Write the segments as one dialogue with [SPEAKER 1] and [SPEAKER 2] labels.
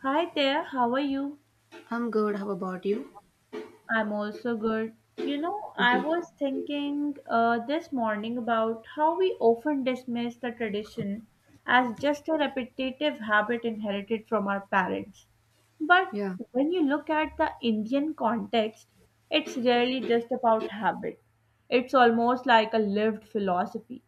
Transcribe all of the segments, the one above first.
[SPEAKER 1] Hi there, how are you?
[SPEAKER 2] I'm good. How about you?
[SPEAKER 1] I'm also good. You know, I
[SPEAKER 2] Mhm.
[SPEAKER 1] was thinking this morning about how we often dismiss the tradition as just a repetitive habit inherited from our parents. But
[SPEAKER 2] Yeah.
[SPEAKER 1] when you look at the Indian context, it's really just about habit. It's almost like a lived philosophy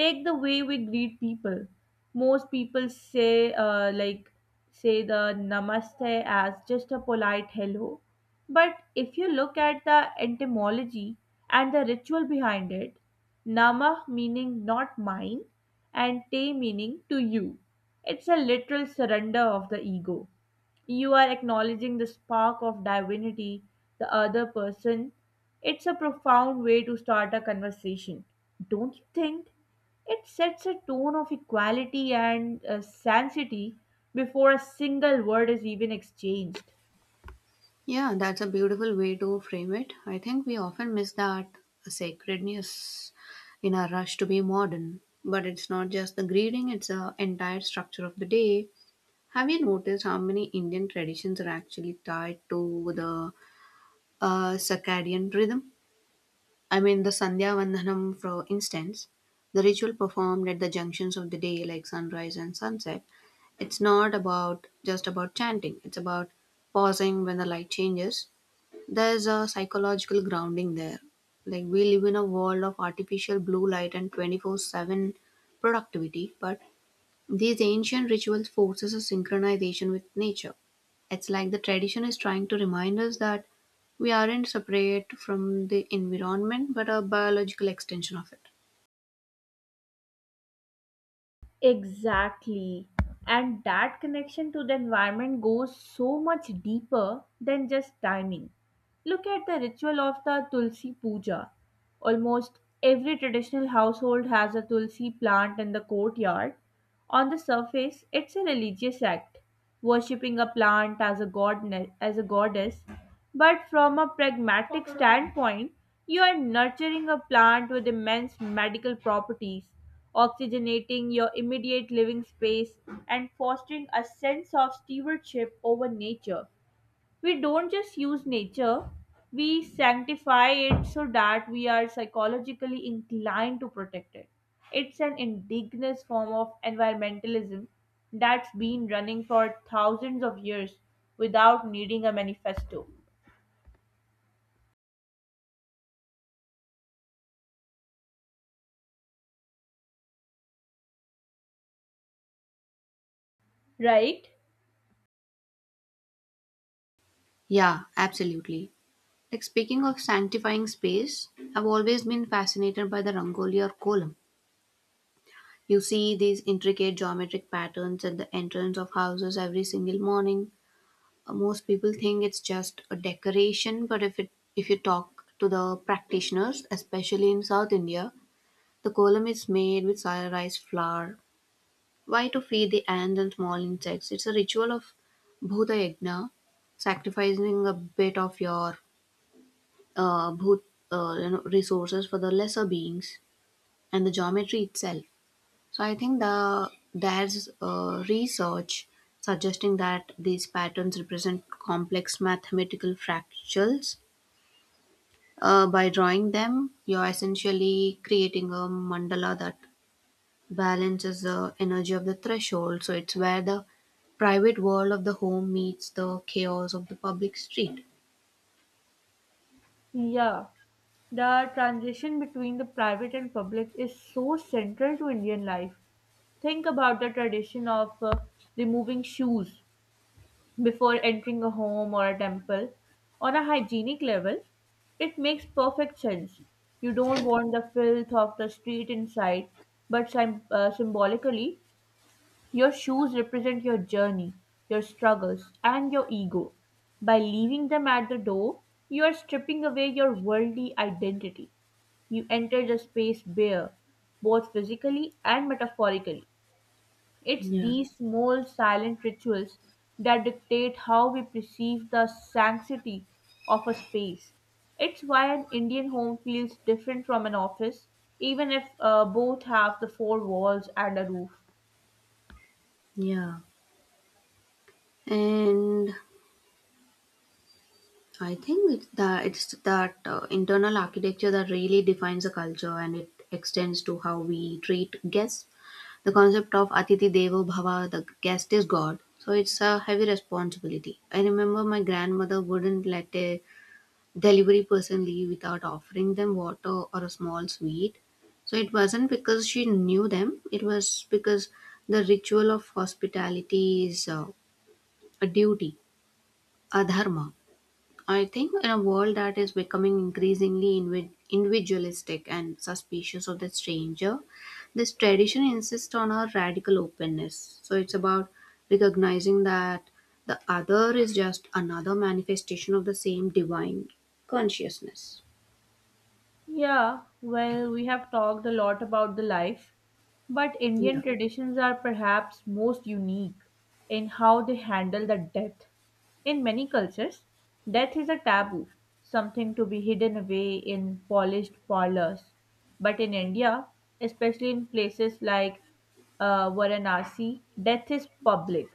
[SPEAKER 1] take the way we greet people. Most people say say the namaste as just a polite hello. But if you look at the etymology and the ritual behind it, nama meaning not mine and te meaning to you. It's a literal surrender of the ego. You are acknowledging the spark of divinity, the other person. It's a profound way to start a conversation, don't you think? It sets a tone of equality and sanctity before a single word is even exchanged.
[SPEAKER 2] Yeah, that's a beautiful way to frame it. I think we often miss that sacredness in our rush to be modern. But it's not just the greeting, it's the entire structure of the day. Have you noticed how many Indian traditions are actually tied to the circadian rhythm? I mean, the Sandhya Vandanam, for instance, the ritual performed at the junctions of the day, like sunrise and sunset, it's not about just about chanting, it's about pausing when the light changes. There's a psychological grounding there. Like, we live in a world of artificial blue light and 24/7 productivity, but these ancient rituals forces a synchronization with nature. It's like the tradition is trying to remind us that we aren't separate from the environment, but a biological extension of it.
[SPEAKER 1] Exactly. And that connection to the environment goes so much deeper than just timing. Look at the ritual of the Tulsi Puja. Almost every traditional household has a Tulsi plant in the courtyard. On the surface, it's a religious act, worshipping a plant as a god as a goddess. But from a pragmatic standpoint, you are nurturing a plant with immense medical properties, oxygenating your immediate living space and fostering a sense of stewardship over nature. We don't just use nature, we sanctify it so that we are psychologically inclined to protect it. It's an indigenous form of environmentalism that's been running for thousands of years without needing a manifesto, right?
[SPEAKER 2] Yeah, absolutely. Like, speaking of sanctifying space, I've always been fascinated by the Rangoli or column. You see these intricate geometric patterns at the entrance of houses every single morning. Most people think it's just a decoration, but if you talk to the practitioners, especially in South India, the column is made with rice flour. Why? To feed the ants and small insects. It's a ritual of Bhuta Yajna, sacrificing a bit of your bhut, resources for the lesser beings and the geometry itself. So I think there's research suggesting that these patterns represent complex mathematical fractals. By drawing them, you're essentially creating a mandala that Balance is the energy of the threshold, so it's where the private world of the home meets the chaos of the public street.
[SPEAKER 1] Yeah, the transition between the private and public is so central to Indian life. Think about the tradition of removing shoes before entering a home or a temple. On a hygienic level, it makes perfect sense. You don't want the filth of the street inside, but symbolically, your shoes represent your journey, your struggles, and your ego. By leaving them at the door, you are stripping away your worldly identity. You enter the space bare, both physically and metaphorically. It's
[SPEAKER 2] Yeah.
[SPEAKER 1] these small silent rituals that dictate how we perceive the sanctity of a space. It's why an Indian home feels different from an office, even if both have the four walls and a roof.
[SPEAKER 2] Yeah, and I think it's that internal architecture that really defines a culture, and it extends to how we treat guests. The concept of Atiti Devo Bhava, the guest is God, so it's a heavy responsibility. I remember my grandmother wouldn't let a delivery person leave without offering them water or a small sweet. So it wasn't because she knew them, it was because the ritual of hospitality is a duty, a dharma. I think in a world that is becoming increasingly individualistic and suspicious of the stranger, this tradition insists on a radical openness. So it's about recognizing that the other is just another manifestation of the same divine consciousness.
[SPEAKER 1] Yeah, well, we have talked a lot about the life, but Indian
[SPEAKER 2] Yeah.
[SPEAKER 1] traditions are perhaps most unique in how they handle the death. In many cultures, death is a taboo, something to be hidden away in polished parlors. But in India, especially in places like Varanasi, death is public.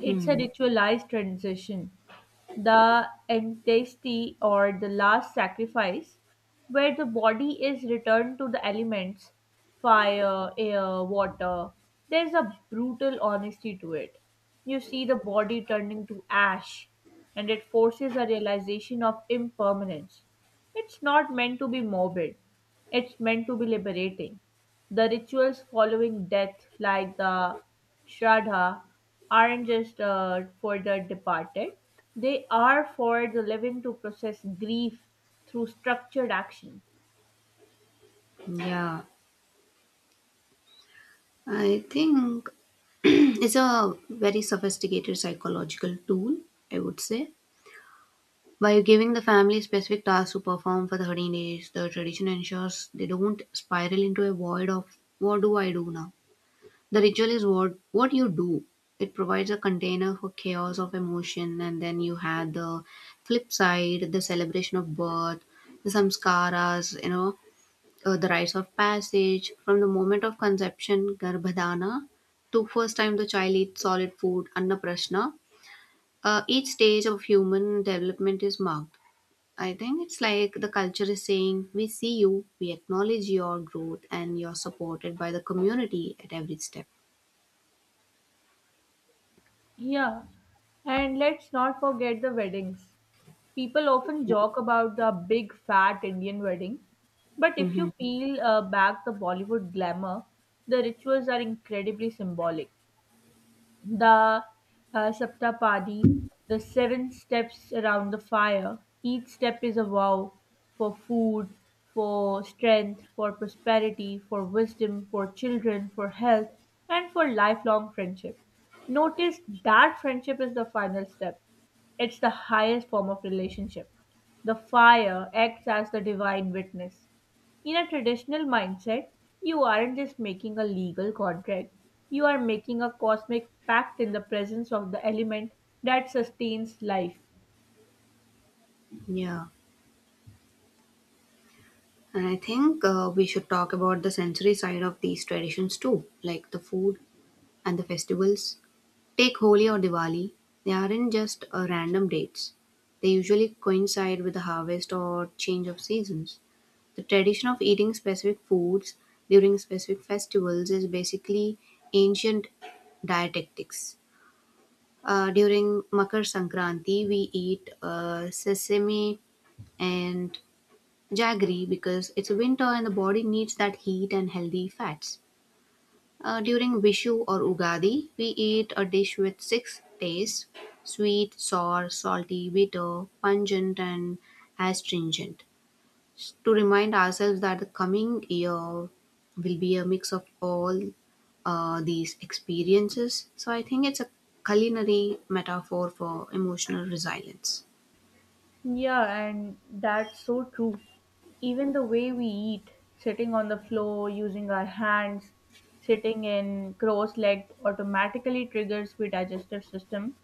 [SPEAKER 1] It's a ritualized transition, the entasty or the last sacrifice, where the body is returned to the elements: fire, air, water. There's a brutal honesty to it. You see the body turning to ash, and it forces a realization of impermanence. It's not meant to be morbid, it's meant to be liberating. The rituals following death, like the Shraddha, aren't just for the departed, they are for the living to process grief through structured action.
[SPEAKER 2] Yeah. I think it's a very sophisticated psychological tool, I would say. By giving the family specific tasks to perform for the 13 days, the tradition ensures they don't spiral into a void of what do I do now? The ritual is what you do. It provides a container for chaos of emotion, and then you had the flip side, the celebration of birth, the samskaras, you know, the rites of passage from the moment of conception garbhadana to first time the child eats solid food annaprasna. Each stage of human development is marked. I think it's like the culture is saying we see you, we acknowledge your growth, and you're supported by the community at every step.
[SPEAKER 1] Yeah, and let's not forget the weddings. People often
[SPEAKER 2] Yeah.
[SPEAKER 1] joke about the big fat Indian wedding, but if
[SPEAKER 2] Hmm.
[SPEAKER 1] you peel back the Bollywood glamour, the rituals are incredibly symbolic. The Saptapadi, the seven steps around the fire. Each step is a vow for food, for strength, for prosperity, for wisdom, for children, for health, and for lifelong friendship. Notice that friendship is the final step. It's the highest form of relationship. The fire acts as the divine witness. In a traditional mindset, you aren't just making a legal contract, you are making a cosmic pact in the presence of the element that sustains life.
[SPEAKER 2] Yeah. And I think we should talk about the sensory side of these traditions too, like the food and the festivals. Take Holi or Diwali, they aren't just random dates. They usually coincide with the harvest or change of seasons. The tradition of eating specific foods during specific festivals is basically ancient dietetics. During Makar Sankranti, we eat sesame and jaggery because it's winter and the body needs that heat and healthy fats. During Vishu or Ugadi, we eat a dish with six tastes: sweet, sour, salty, bitter, pungent, and astringent. To remind ourselves that the coming year will be a mix of all these experiences. So I think it's a culinary metaphor for emotional resilience.
[SPEAKER 1] Yeah, and that's so true. Even the way we eat, sitting on the floor, using our hands, sitting in cross legged automatically triggers the digestive system.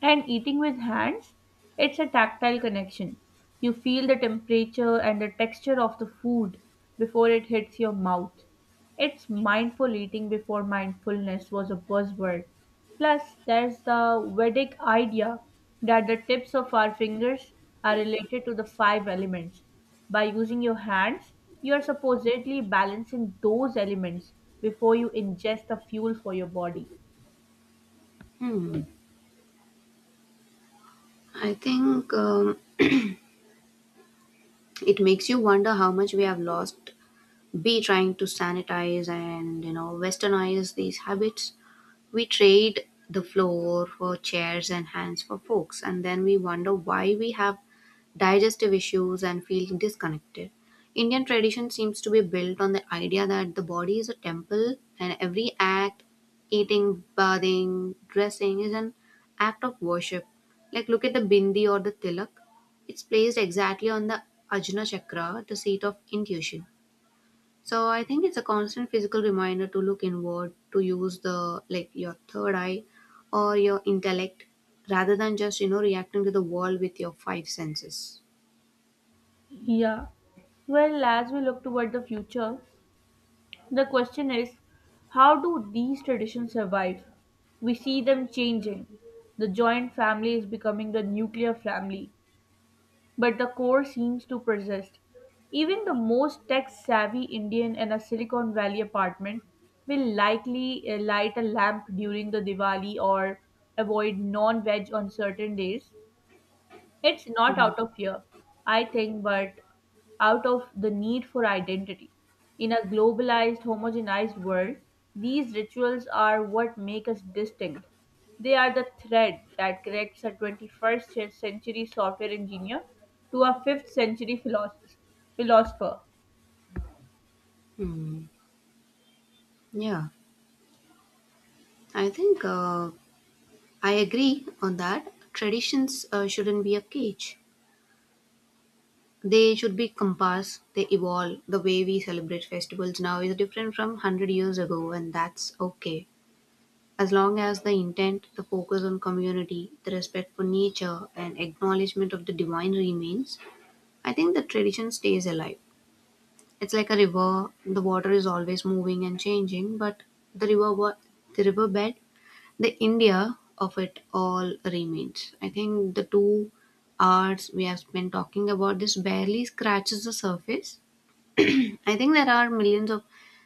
[SPEAKER 1] And eating with hands, it's a tactile connection. You feel the temperature and the texture of the food before it hits your mouth. It's mindful eating before mindfulness was a buzzword. Plus, there's the Vedic idea that the tips of our fingers are related to the five elements. By using your hands, you are supposedly balancing those elements before you ingest the fuel for your body.
[SPEAKER 2] Hmm. I think it makes you wonder how much we have lost be trying to sanitize and, you know, westernize these habits. We trade the floor for chairs and hands for forks, and then we wonder why we have digestive issues and feel disconnected. Indian tradition seems to be built on the idea that the body is a temple and every act, eating, bathing, dressing, is an act of worship. Like, look at the bindi or the tilak. It's placed exactly on the Ajna Chakra, the seat of intuition. So I think it's a constant physical reminder to look inward, to use the like your third eye or your intellect rather than just, you know, reacting to the world with your five senses.
[SPEAKER 1] Yeah. Well, as we look toward the future, the question is how do these traditions survive? We see them changing. The joint family is becoming the nuclear family, but the core seems to persist. Even the most tech savvy Indian in a Silicon Valley apartment will likely light a lamp during the Diwali or avoid non veg on certain days. It's
[SPEAKER 2] You
[SPEAKER 1] not
[SPEAKER 2] know.
[SPEAKER 1] out of fear, I think, but out of the need for identity. In a globalized, homogenized world, these rituals are what make us distinct. They are the thread that connects a 21st century software engineer to a fifth century philosopher.
[SPEAKER 2] Hmm. Yeah. I think I agree on that. Traditions shouldn't be a cage. They should be compass. They evolve. The way we celebrate festivals now is different from 100 years ago, and that's okay. As long as the intent, the focus on community, the respect for nature, and acknowledgement of the divine remains, I think the tradition stays alive. It's like a river, the water is always moving and changing, but the river wa- the riverbed, the India of it all remains. I think the 2 hours we have been talking about this barely scratches the surface. I think there are millions of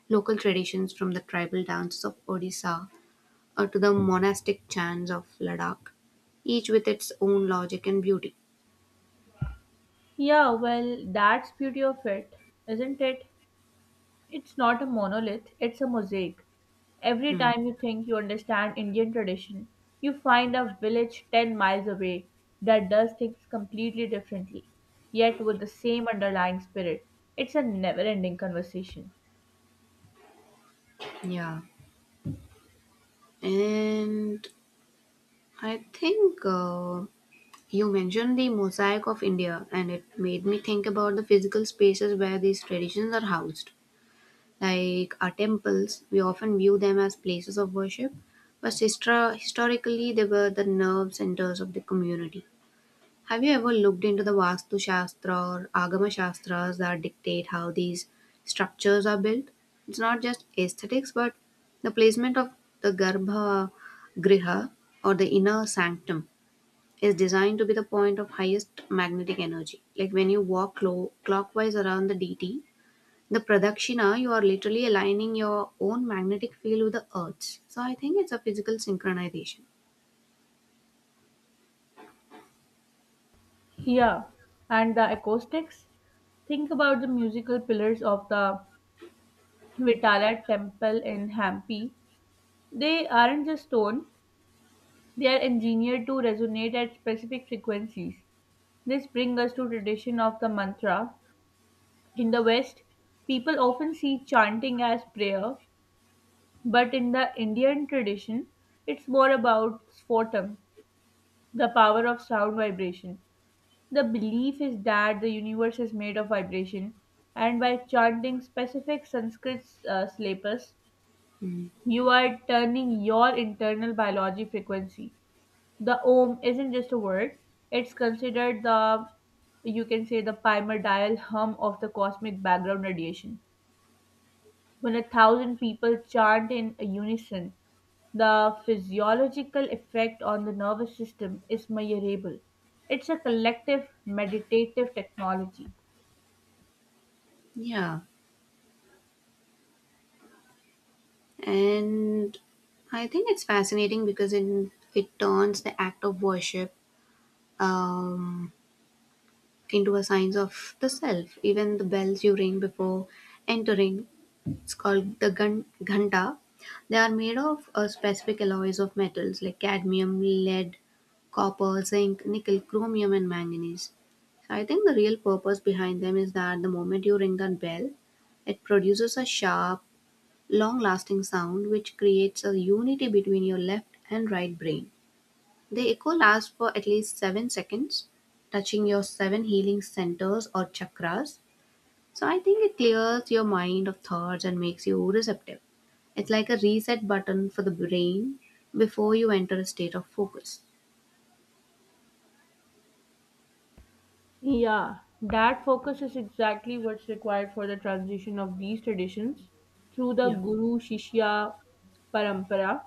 [SPEAKER 2] local traditions, from the tribal dances of Odisha to the monastic chants of Ladakh, each with its own logic and beauty.
[SPEAKER 1] Yeah, well, that's beauty of it, isn't it? It's not a monolith, it's a mosaic. Every
[SPEAKER 2] Hmm.
[SPEAKER 1] time you think you understand Indian tradition, you find a village 10 miles away that does things completely differently, yet with the same underlying spirit. It's a never ending conversation.
[SPEAKER 2] Yeah. And I think you mentioned the mosaic of India, and it made me think about the physical spaces where these traditions are housed. Like, our temples, we often view them as places of worship, but historically, they were the nerve centers of the community. Have you ever looked into the Vastu Shastra or Agama Shastras that dictate how these structures are built? It's not just aesthetics, but the placement of the Garbha Griha or the inner sanctum is designed to be the point of highest magnetic energy. Like, when you walk clockwise around the deity, the Pradakshina, you are literally aligning your own magnetic field with the Earth's. So I think it's a physical synchronization.
[SPEAKER 1] Yeah, and the acoustics? Think about the musical pillars of the Vitala temple in Hampi. They aren't just stone, they are engineered to resonate at specific frequencies. This brings us to tradition of the mantra. In the West, people often see chanting as prayer, but in the Indian tradition, it's more about sphotam, the power of sound vibration. The belief is that the universe is made of vibration, and by chanting specific Sanskrit syllables, you are turning your internal biology frequency. The ohm isn't just a word, it's considered the, you can say, the primordial hum of the cosmic background radiation. When a thousand people chant in unison, the physiological effect on the nervous system is measurable. It's a collective meditative technology.
[SPEAKER 2] Yeah. And I think it's fascinating because in, it turns the act of worship um, into a science of the self. Even the bells you ring before entering, it's called the ghanta, they are made of a specific alloys of metals like cadmium, lead, copper, zinc, nickel, chromium, and manganese. So I think the real purpose behind them is that the moment you ring that bell, it produces a sharp, long-lasting sound which creates a unity between your left and right brain. The echo lasts for at least 7 seconds, touching your 7 healing centers or chakras. So I think it clears your mind of thoughts and makes you receptive. It's like a reset button for the brain before you enter a state of focus.
[SPEAKER 1] Yeah, that focus is exactly what's required for the transition of these traditions through the
[SPEAKER 2] Yeah.
[SPEAKER 1] Guru Shishya Parampara.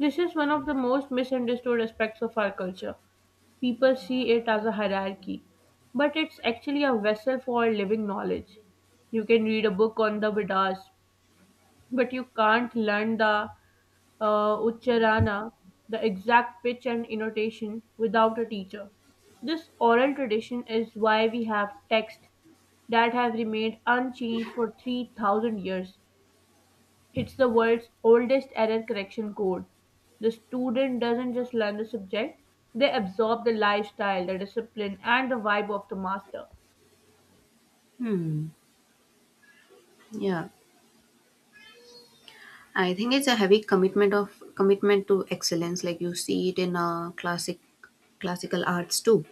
[SPEAKER 1] This is one of the most misunderstood aspects of our culture. People see it as a hierarchy, but it's actually a vessel for living knowledge. You can read a book on the Vedas, but you can't learn the Ucharana, the exact pitch and intonation, without a teacher. This oral tradition is why we have texts that have remained unchanged for 3,000 years. It's the world's oldest error correction code. The student doesn't just learn the subject, they absorb the lifestyle, the discipline, and the vibe of the master.
[SPEAKER 2] Hmm. Yeah. I think it's a heavy commitment of commitment to excellence, like you see it in classical arts too.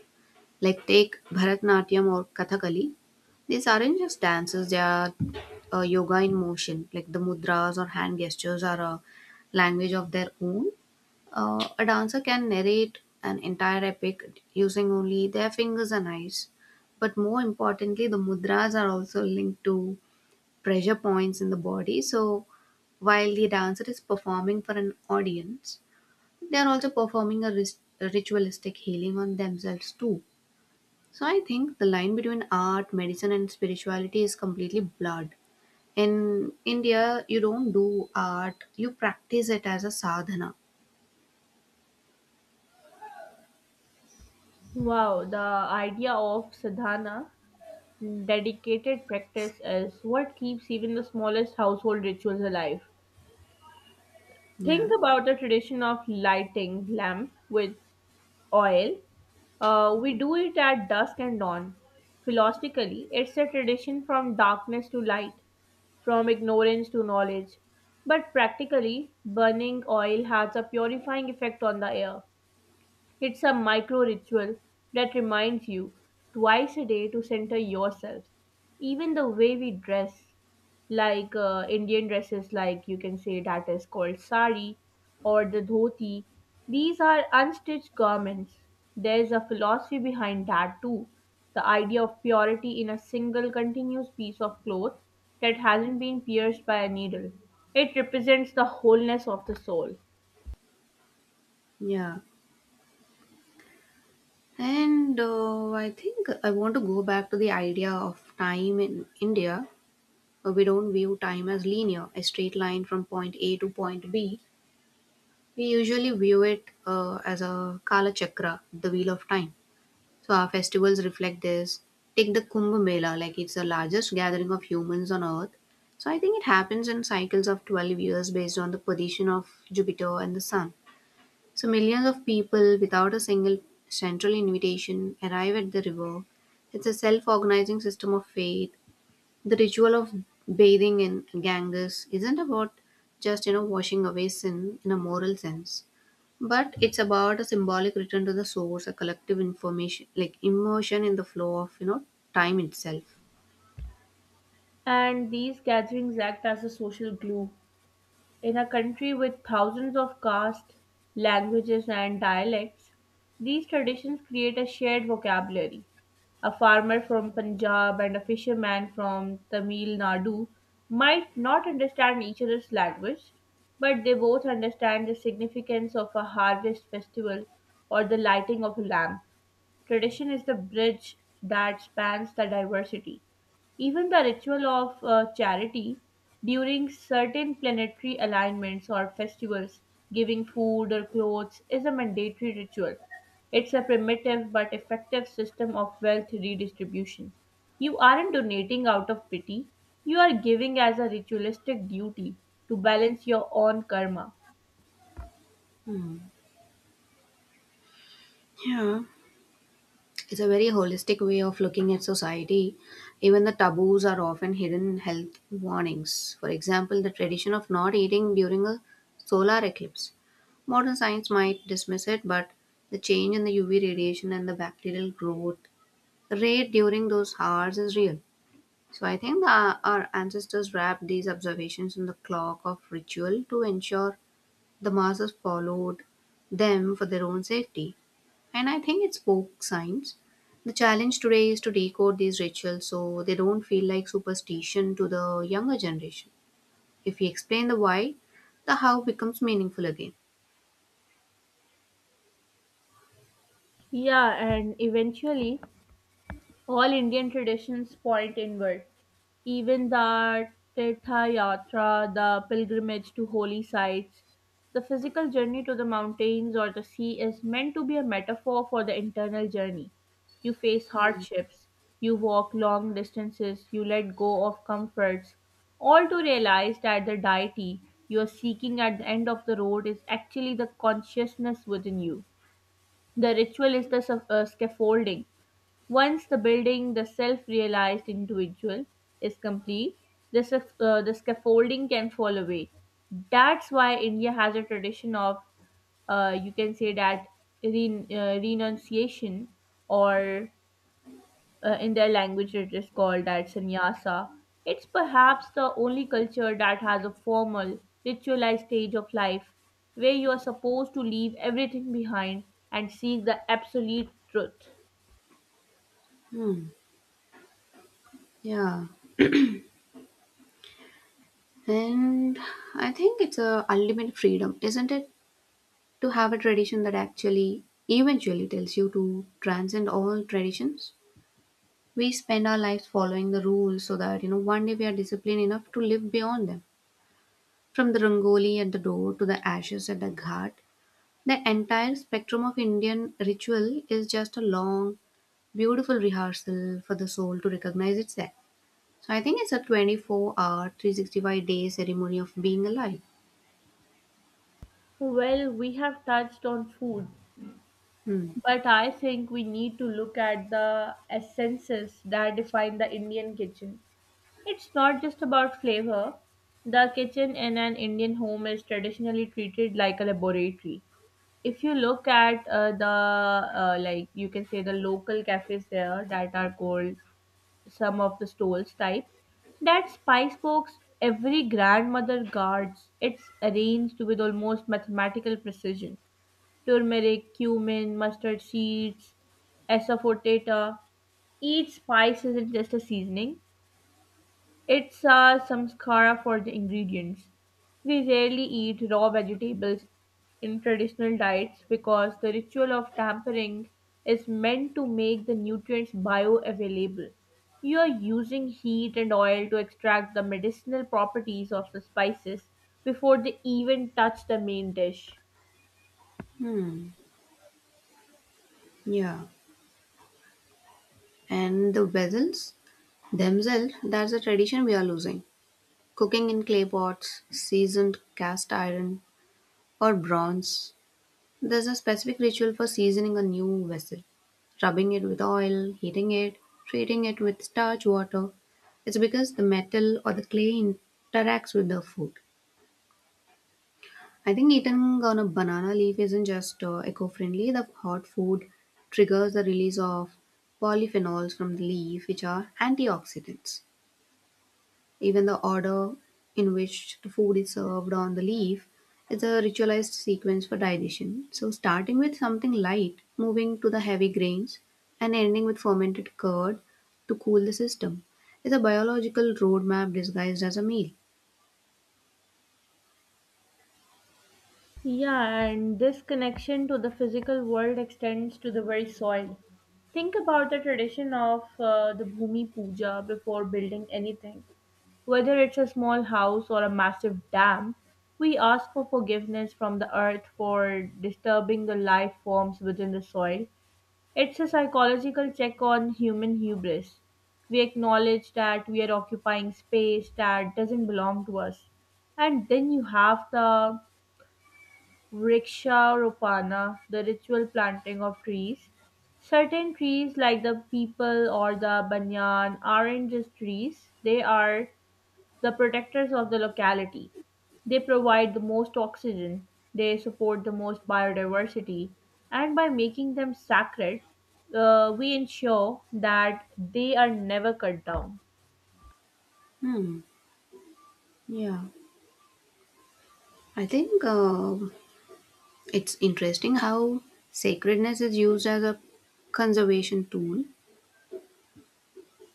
[SPEAKER 2] Like, take Bharatanatyam or Kathakali. These aren't just dances, they are yoga in motion. Like, the mudras or hand gestures are a language of their own. A dancer can narrate an entire epic using only their fingers and eyes. But more importantly, the mudras are also linked to pressure points in the body. So while the dancer is performing for an audience, they are also performing a ritualistic healing on themselves too. So I think the line between art, medicine, and spirituality is completely blurred. In India, you don't do art; you practice it as a sadhana.
[SPEAKER 1] Wow, the idea of sadhana, dedicated practice, is what keeps even the smallest household rituals alive.
[SPEAKER 2] Yeah,
[SPEAKER 1] Think about the tradition of lighting lamp with oil. We do it at dusk and dawn. Philosophically, it's a tradition from darkness to light, from ignorance to knowledge. But practically, burning oil has a purifying effect on the air. It's a micro ritual that reminds you twice a day to center yourself. Even the way we dress, like Indian dresses, like you can say that is called sari or the dhoti, these are unstitched garments. There's a philosophy behind that too. The idea of purity in a single continuous piece of cloth that hasn't been pierced by a needle. It represents the wholeness of the soul.
[SPEAKER 2] yeah. And I think I want to go back to the idea of time in India. We don't view time as linear, a straight line from point A to point B. We usually view it as a kala chakra, the wheel of time. So our festivals reflect this. Take the Kumbh Mela, like, it's the largest gathering of humans on earth. So I think it happens in cycles of 12 years based on the position of Jupiter and the sun. So millions of people without a single central invitation arrive at the river. It's a self organizing system of faith, the ritual of bathing in Ganges isn't about just, you know, washing away sin in a moral sense, but it's about a symbolic return to the source, a collective information like immersion in the flow of, you know, time itself.
[SPEAKER 1] And these gatherings act as a social glue. In a country with thousands of castes, languages, and dialects, these traditions create a shared vocabulary. A farmer from Punjab and a fisherman from Tamil Nadu might not understand each other's language, but they both understand the significance of a harvest festival or the lighting of a lamp. Tradition is the bridge that spans the diversity. Even the ritual of charity during certain planetary alignments or festivals, giving food or clothes, is a mandatory ritual. It's a primitive but effective system of wealth redistribution. You aren't donating out of pity, you are giving as a ritualistic duty to balance your own karma.
[SPEAKER 2] Hmm. Yeah. It's a very holistic way of looking at society. Even the taboos are often hidden health warnings. For example, the tradition of not eating during a solar eclipse. Modern science might dismiss it, but the change in the UV radiation and the bacterial growth rate during those hours is real. So I think our ancestors wrapped these observations in the clock of ritual to ensure the masses followed them for their own safety. And I think it's folk science. The challenge today is to decode these rituals so they don't feel like superstition to the younger generation. If we explain the why, the how becomes meaningful again.
[SPEAKER 1] Yeah, and eventually all Indian traditions point inward. Even the Tirtha Yatra, the pilgrimage to holy sites, the physical journey to the mountains or the sea is meant to be a metaphor for the internal journey. You face hardships, you walk long distances, you let go of comforts, all to realize that the deity you are seeking at the end of the road is actually the consciousness within you. The ritual is the scaffolding. Once the building, the self realized individual, is complete, the the scaffolding can fall away. That's why India has a tradition of, you can say that, renunciation, or in their language it is called that sannyasa. It's perhaps the only culture that has a formal, ritualized stage of life where you are supposed to leave everything behind and seek the absolute truth.
[SPEAKER 2] Hmm. Yeah. And I think it's a ultimate freedom, isn't it? To have a tradition that actually eventually tells you to transcend all traditions. We spend our lives following the rules so that, you know, one day we are disciplined enough to live beyond them. From the rangoli at the door to the ashes at the ghat, the entire spectrum of Indian ritual is just a long, beautiful rehearsal for the soul to recognize itself. So I think it's a 24 hour, 365 day ceremony of being alive.
[SPEAKER 1] Well, we have touched on food,
[SPEAKER 2] Hmm.
[SPEAKER 1] but I think we need to look at the essences that define the Indian kitchen. It's not just about flavor. The kitchen in an Indian home is traditionally treated like a laboratory. If you look at the like you can say the local cafes there that are called some of the stalls type, that spice box every grandmother guards. It's arranged with almost mathematical precision, turmeric, cumin, mustard seeds, asafoetida. Each spice isn't just a seasoning, it's a samskara for the ingredients. We rarely eat raw vegetables in traditional diets because the ritual of tampering is meant to make the nutrients bioavailable. You are using heat and oil to extract the medicinal properties of the spices before they even touch the main dish.
[SPEAKER 2] Hmm. Yeah. And the vessels themselves, that's a tradition we are losing. Cooking in clay pots, seasoned cast iron, or bronze. There's a specific ritual for seasoning a new vessel, rubbing it with oil, heating it, treating it with starch water. It's because the metal or the clay interacts with the food. I think eating on a banana leaf isn't just eco friendly, the hot food triggers the release of polyphenols from the leaf, which are antioxidants. Even the order in which the food is served on the leaf is a ritualized sequence for digestion. So, starting with something light, moving to the heavy grains, and ending with fermented curd to cool the system is a biological roadmap disguised as a meal.
[SPEAKER 1] Yeah, and this connection to the physical world extends to the very soil. Think about the tradition of the Bhumi Puja before building anything. Whether it's a small house or a massive dam, we ask for forgiveness from the earth for disturbing the life forms within the soil. It's a psychological check on human hubris. We acknowledge that we are occupying space that doesn't belong to us. And then you have the Vriksha Ropana, the ritual planting of trees. Certain trees, like the peepal or the banyan, aren't just trees, they are the protectors of the locality. They provide the most oxygen, they support the most biodiversity, and by making them sacred, we ensure that they are never cut down.
[SPEAKER 2] Hmm. Yeah. I think it's interesting how sacredness is used as a conservation tool.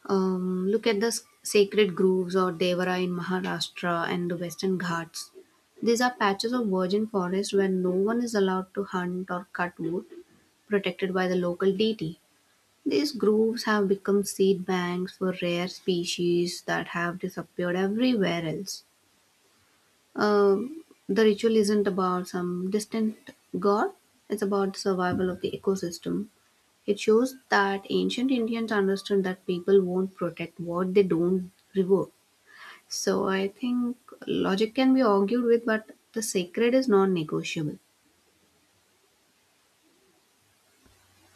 [SPEAKER 2] Look at the sacred groves or Devara in Maharashtra and the Western Ghats. These are patches of virgin forest where no one is allowed to hunt or cut wood, protected by the local deity. These groves have become seed banks for rare species that have disappeared everywhere else. The ritual isn't about some distant god, it's about the survival of the ecosystem. It shows that ancient Indians understood that people won't protect what they don't revere. So I think logic can be argued with, but the sacred is non negotiable.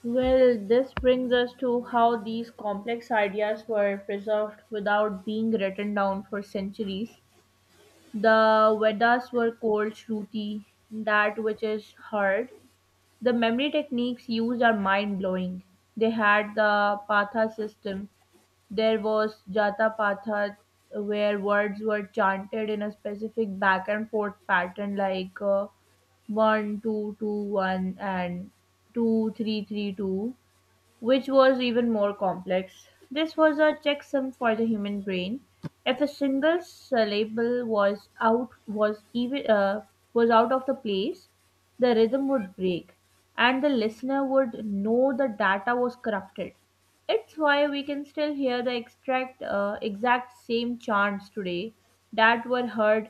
[SPEAKER 1] Well, this brings us to how these complex ideas were preserved without being written down for centuries. The Vedas were called Shruti, that which is heard. The memory techniques used are mind blowing. They had the Patha system. There was Jata Patha, where words were chanted in a specific back and forth pattern, like 1 two, two, one, and 2 3 3 two, which was even more complex. This was a checksum for the human brain. If a single syllable was out was even was out of the place, the rhythm would break, and the listener would know the data was corrupted. It's why we can still hear the exact same chants today that were heard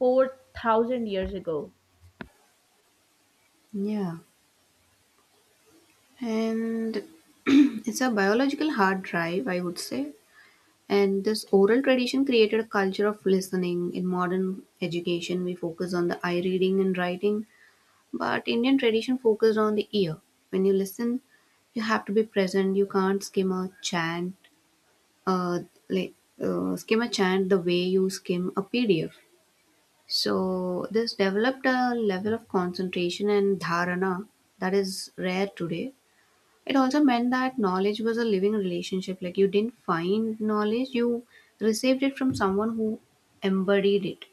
[SPEAKER 1] 4,000 years ago.
[SPEAKER 2] Yeah. And it's a biological hard drive, I would say. And this oral tradition created a culture of listening. In modern education, we focus on the eye reading and writing, but Indian tradition focused on the ear. When you listen, you have to be present. You can't skim a chant, uh, like skim a chant the way you skim a PDF. So this developed a level of concentration and dharana that is rare today. It also meant that knowledge was a living relationship. Like, you didn't find knowledge, you received it from someone who embodied it.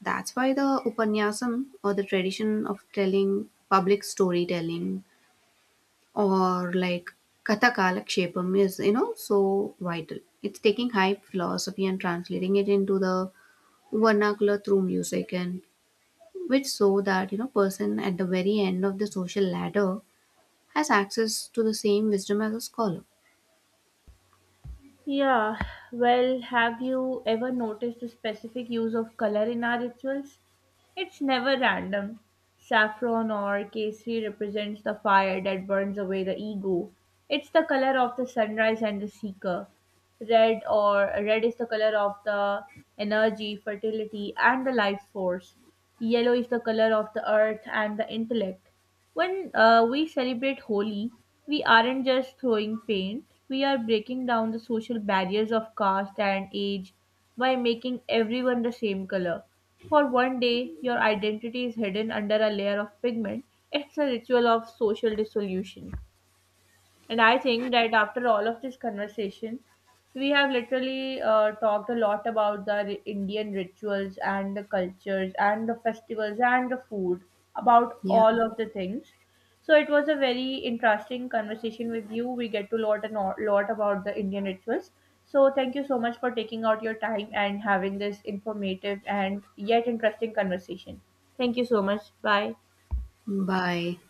[SPEAKER 2] That's why the Upanyasam or the tradition of telling public storytelling or like Kathakala Kshepam is, you know, so vital. It's taking high philosophy and translating it into the vernacular through music and which so that, you know, person at the very end of the social ladder has access to the same wisdom as a scholar.
[SPEAKER 1] Yeah, well, have you ever noticed the specific use of color in our rituals? It's never random. Saffron or kesari represents the fire that burns away the ego. It's the color of the sunrise and the seeker. Red or red is the color of the energy, fertility, and the life force. Yellow is the color of the earth and the intellect. When we celebrate Holi, we aren't just throwing paint, we are breaking down the social barriers of caste and age by making everyone the same color. For one day, your identity is hidden under a layer of pigment. It's a ritual of social dissolution. And I think that after all of this conversation, we have literally talked a lot about the Indian rituals and the cultures and the festivals and the food, about
[SPEAKER 2] Yeah.
[SPEAKER 1] all of the things. So it was a very interesting conversation with you. We get to lot and lot about the Indian rituals. So thank you so much for taking out your time and having this informative and yet interesting conversation. Thank you so much. Bye.
[SPEAKER 2] Bye.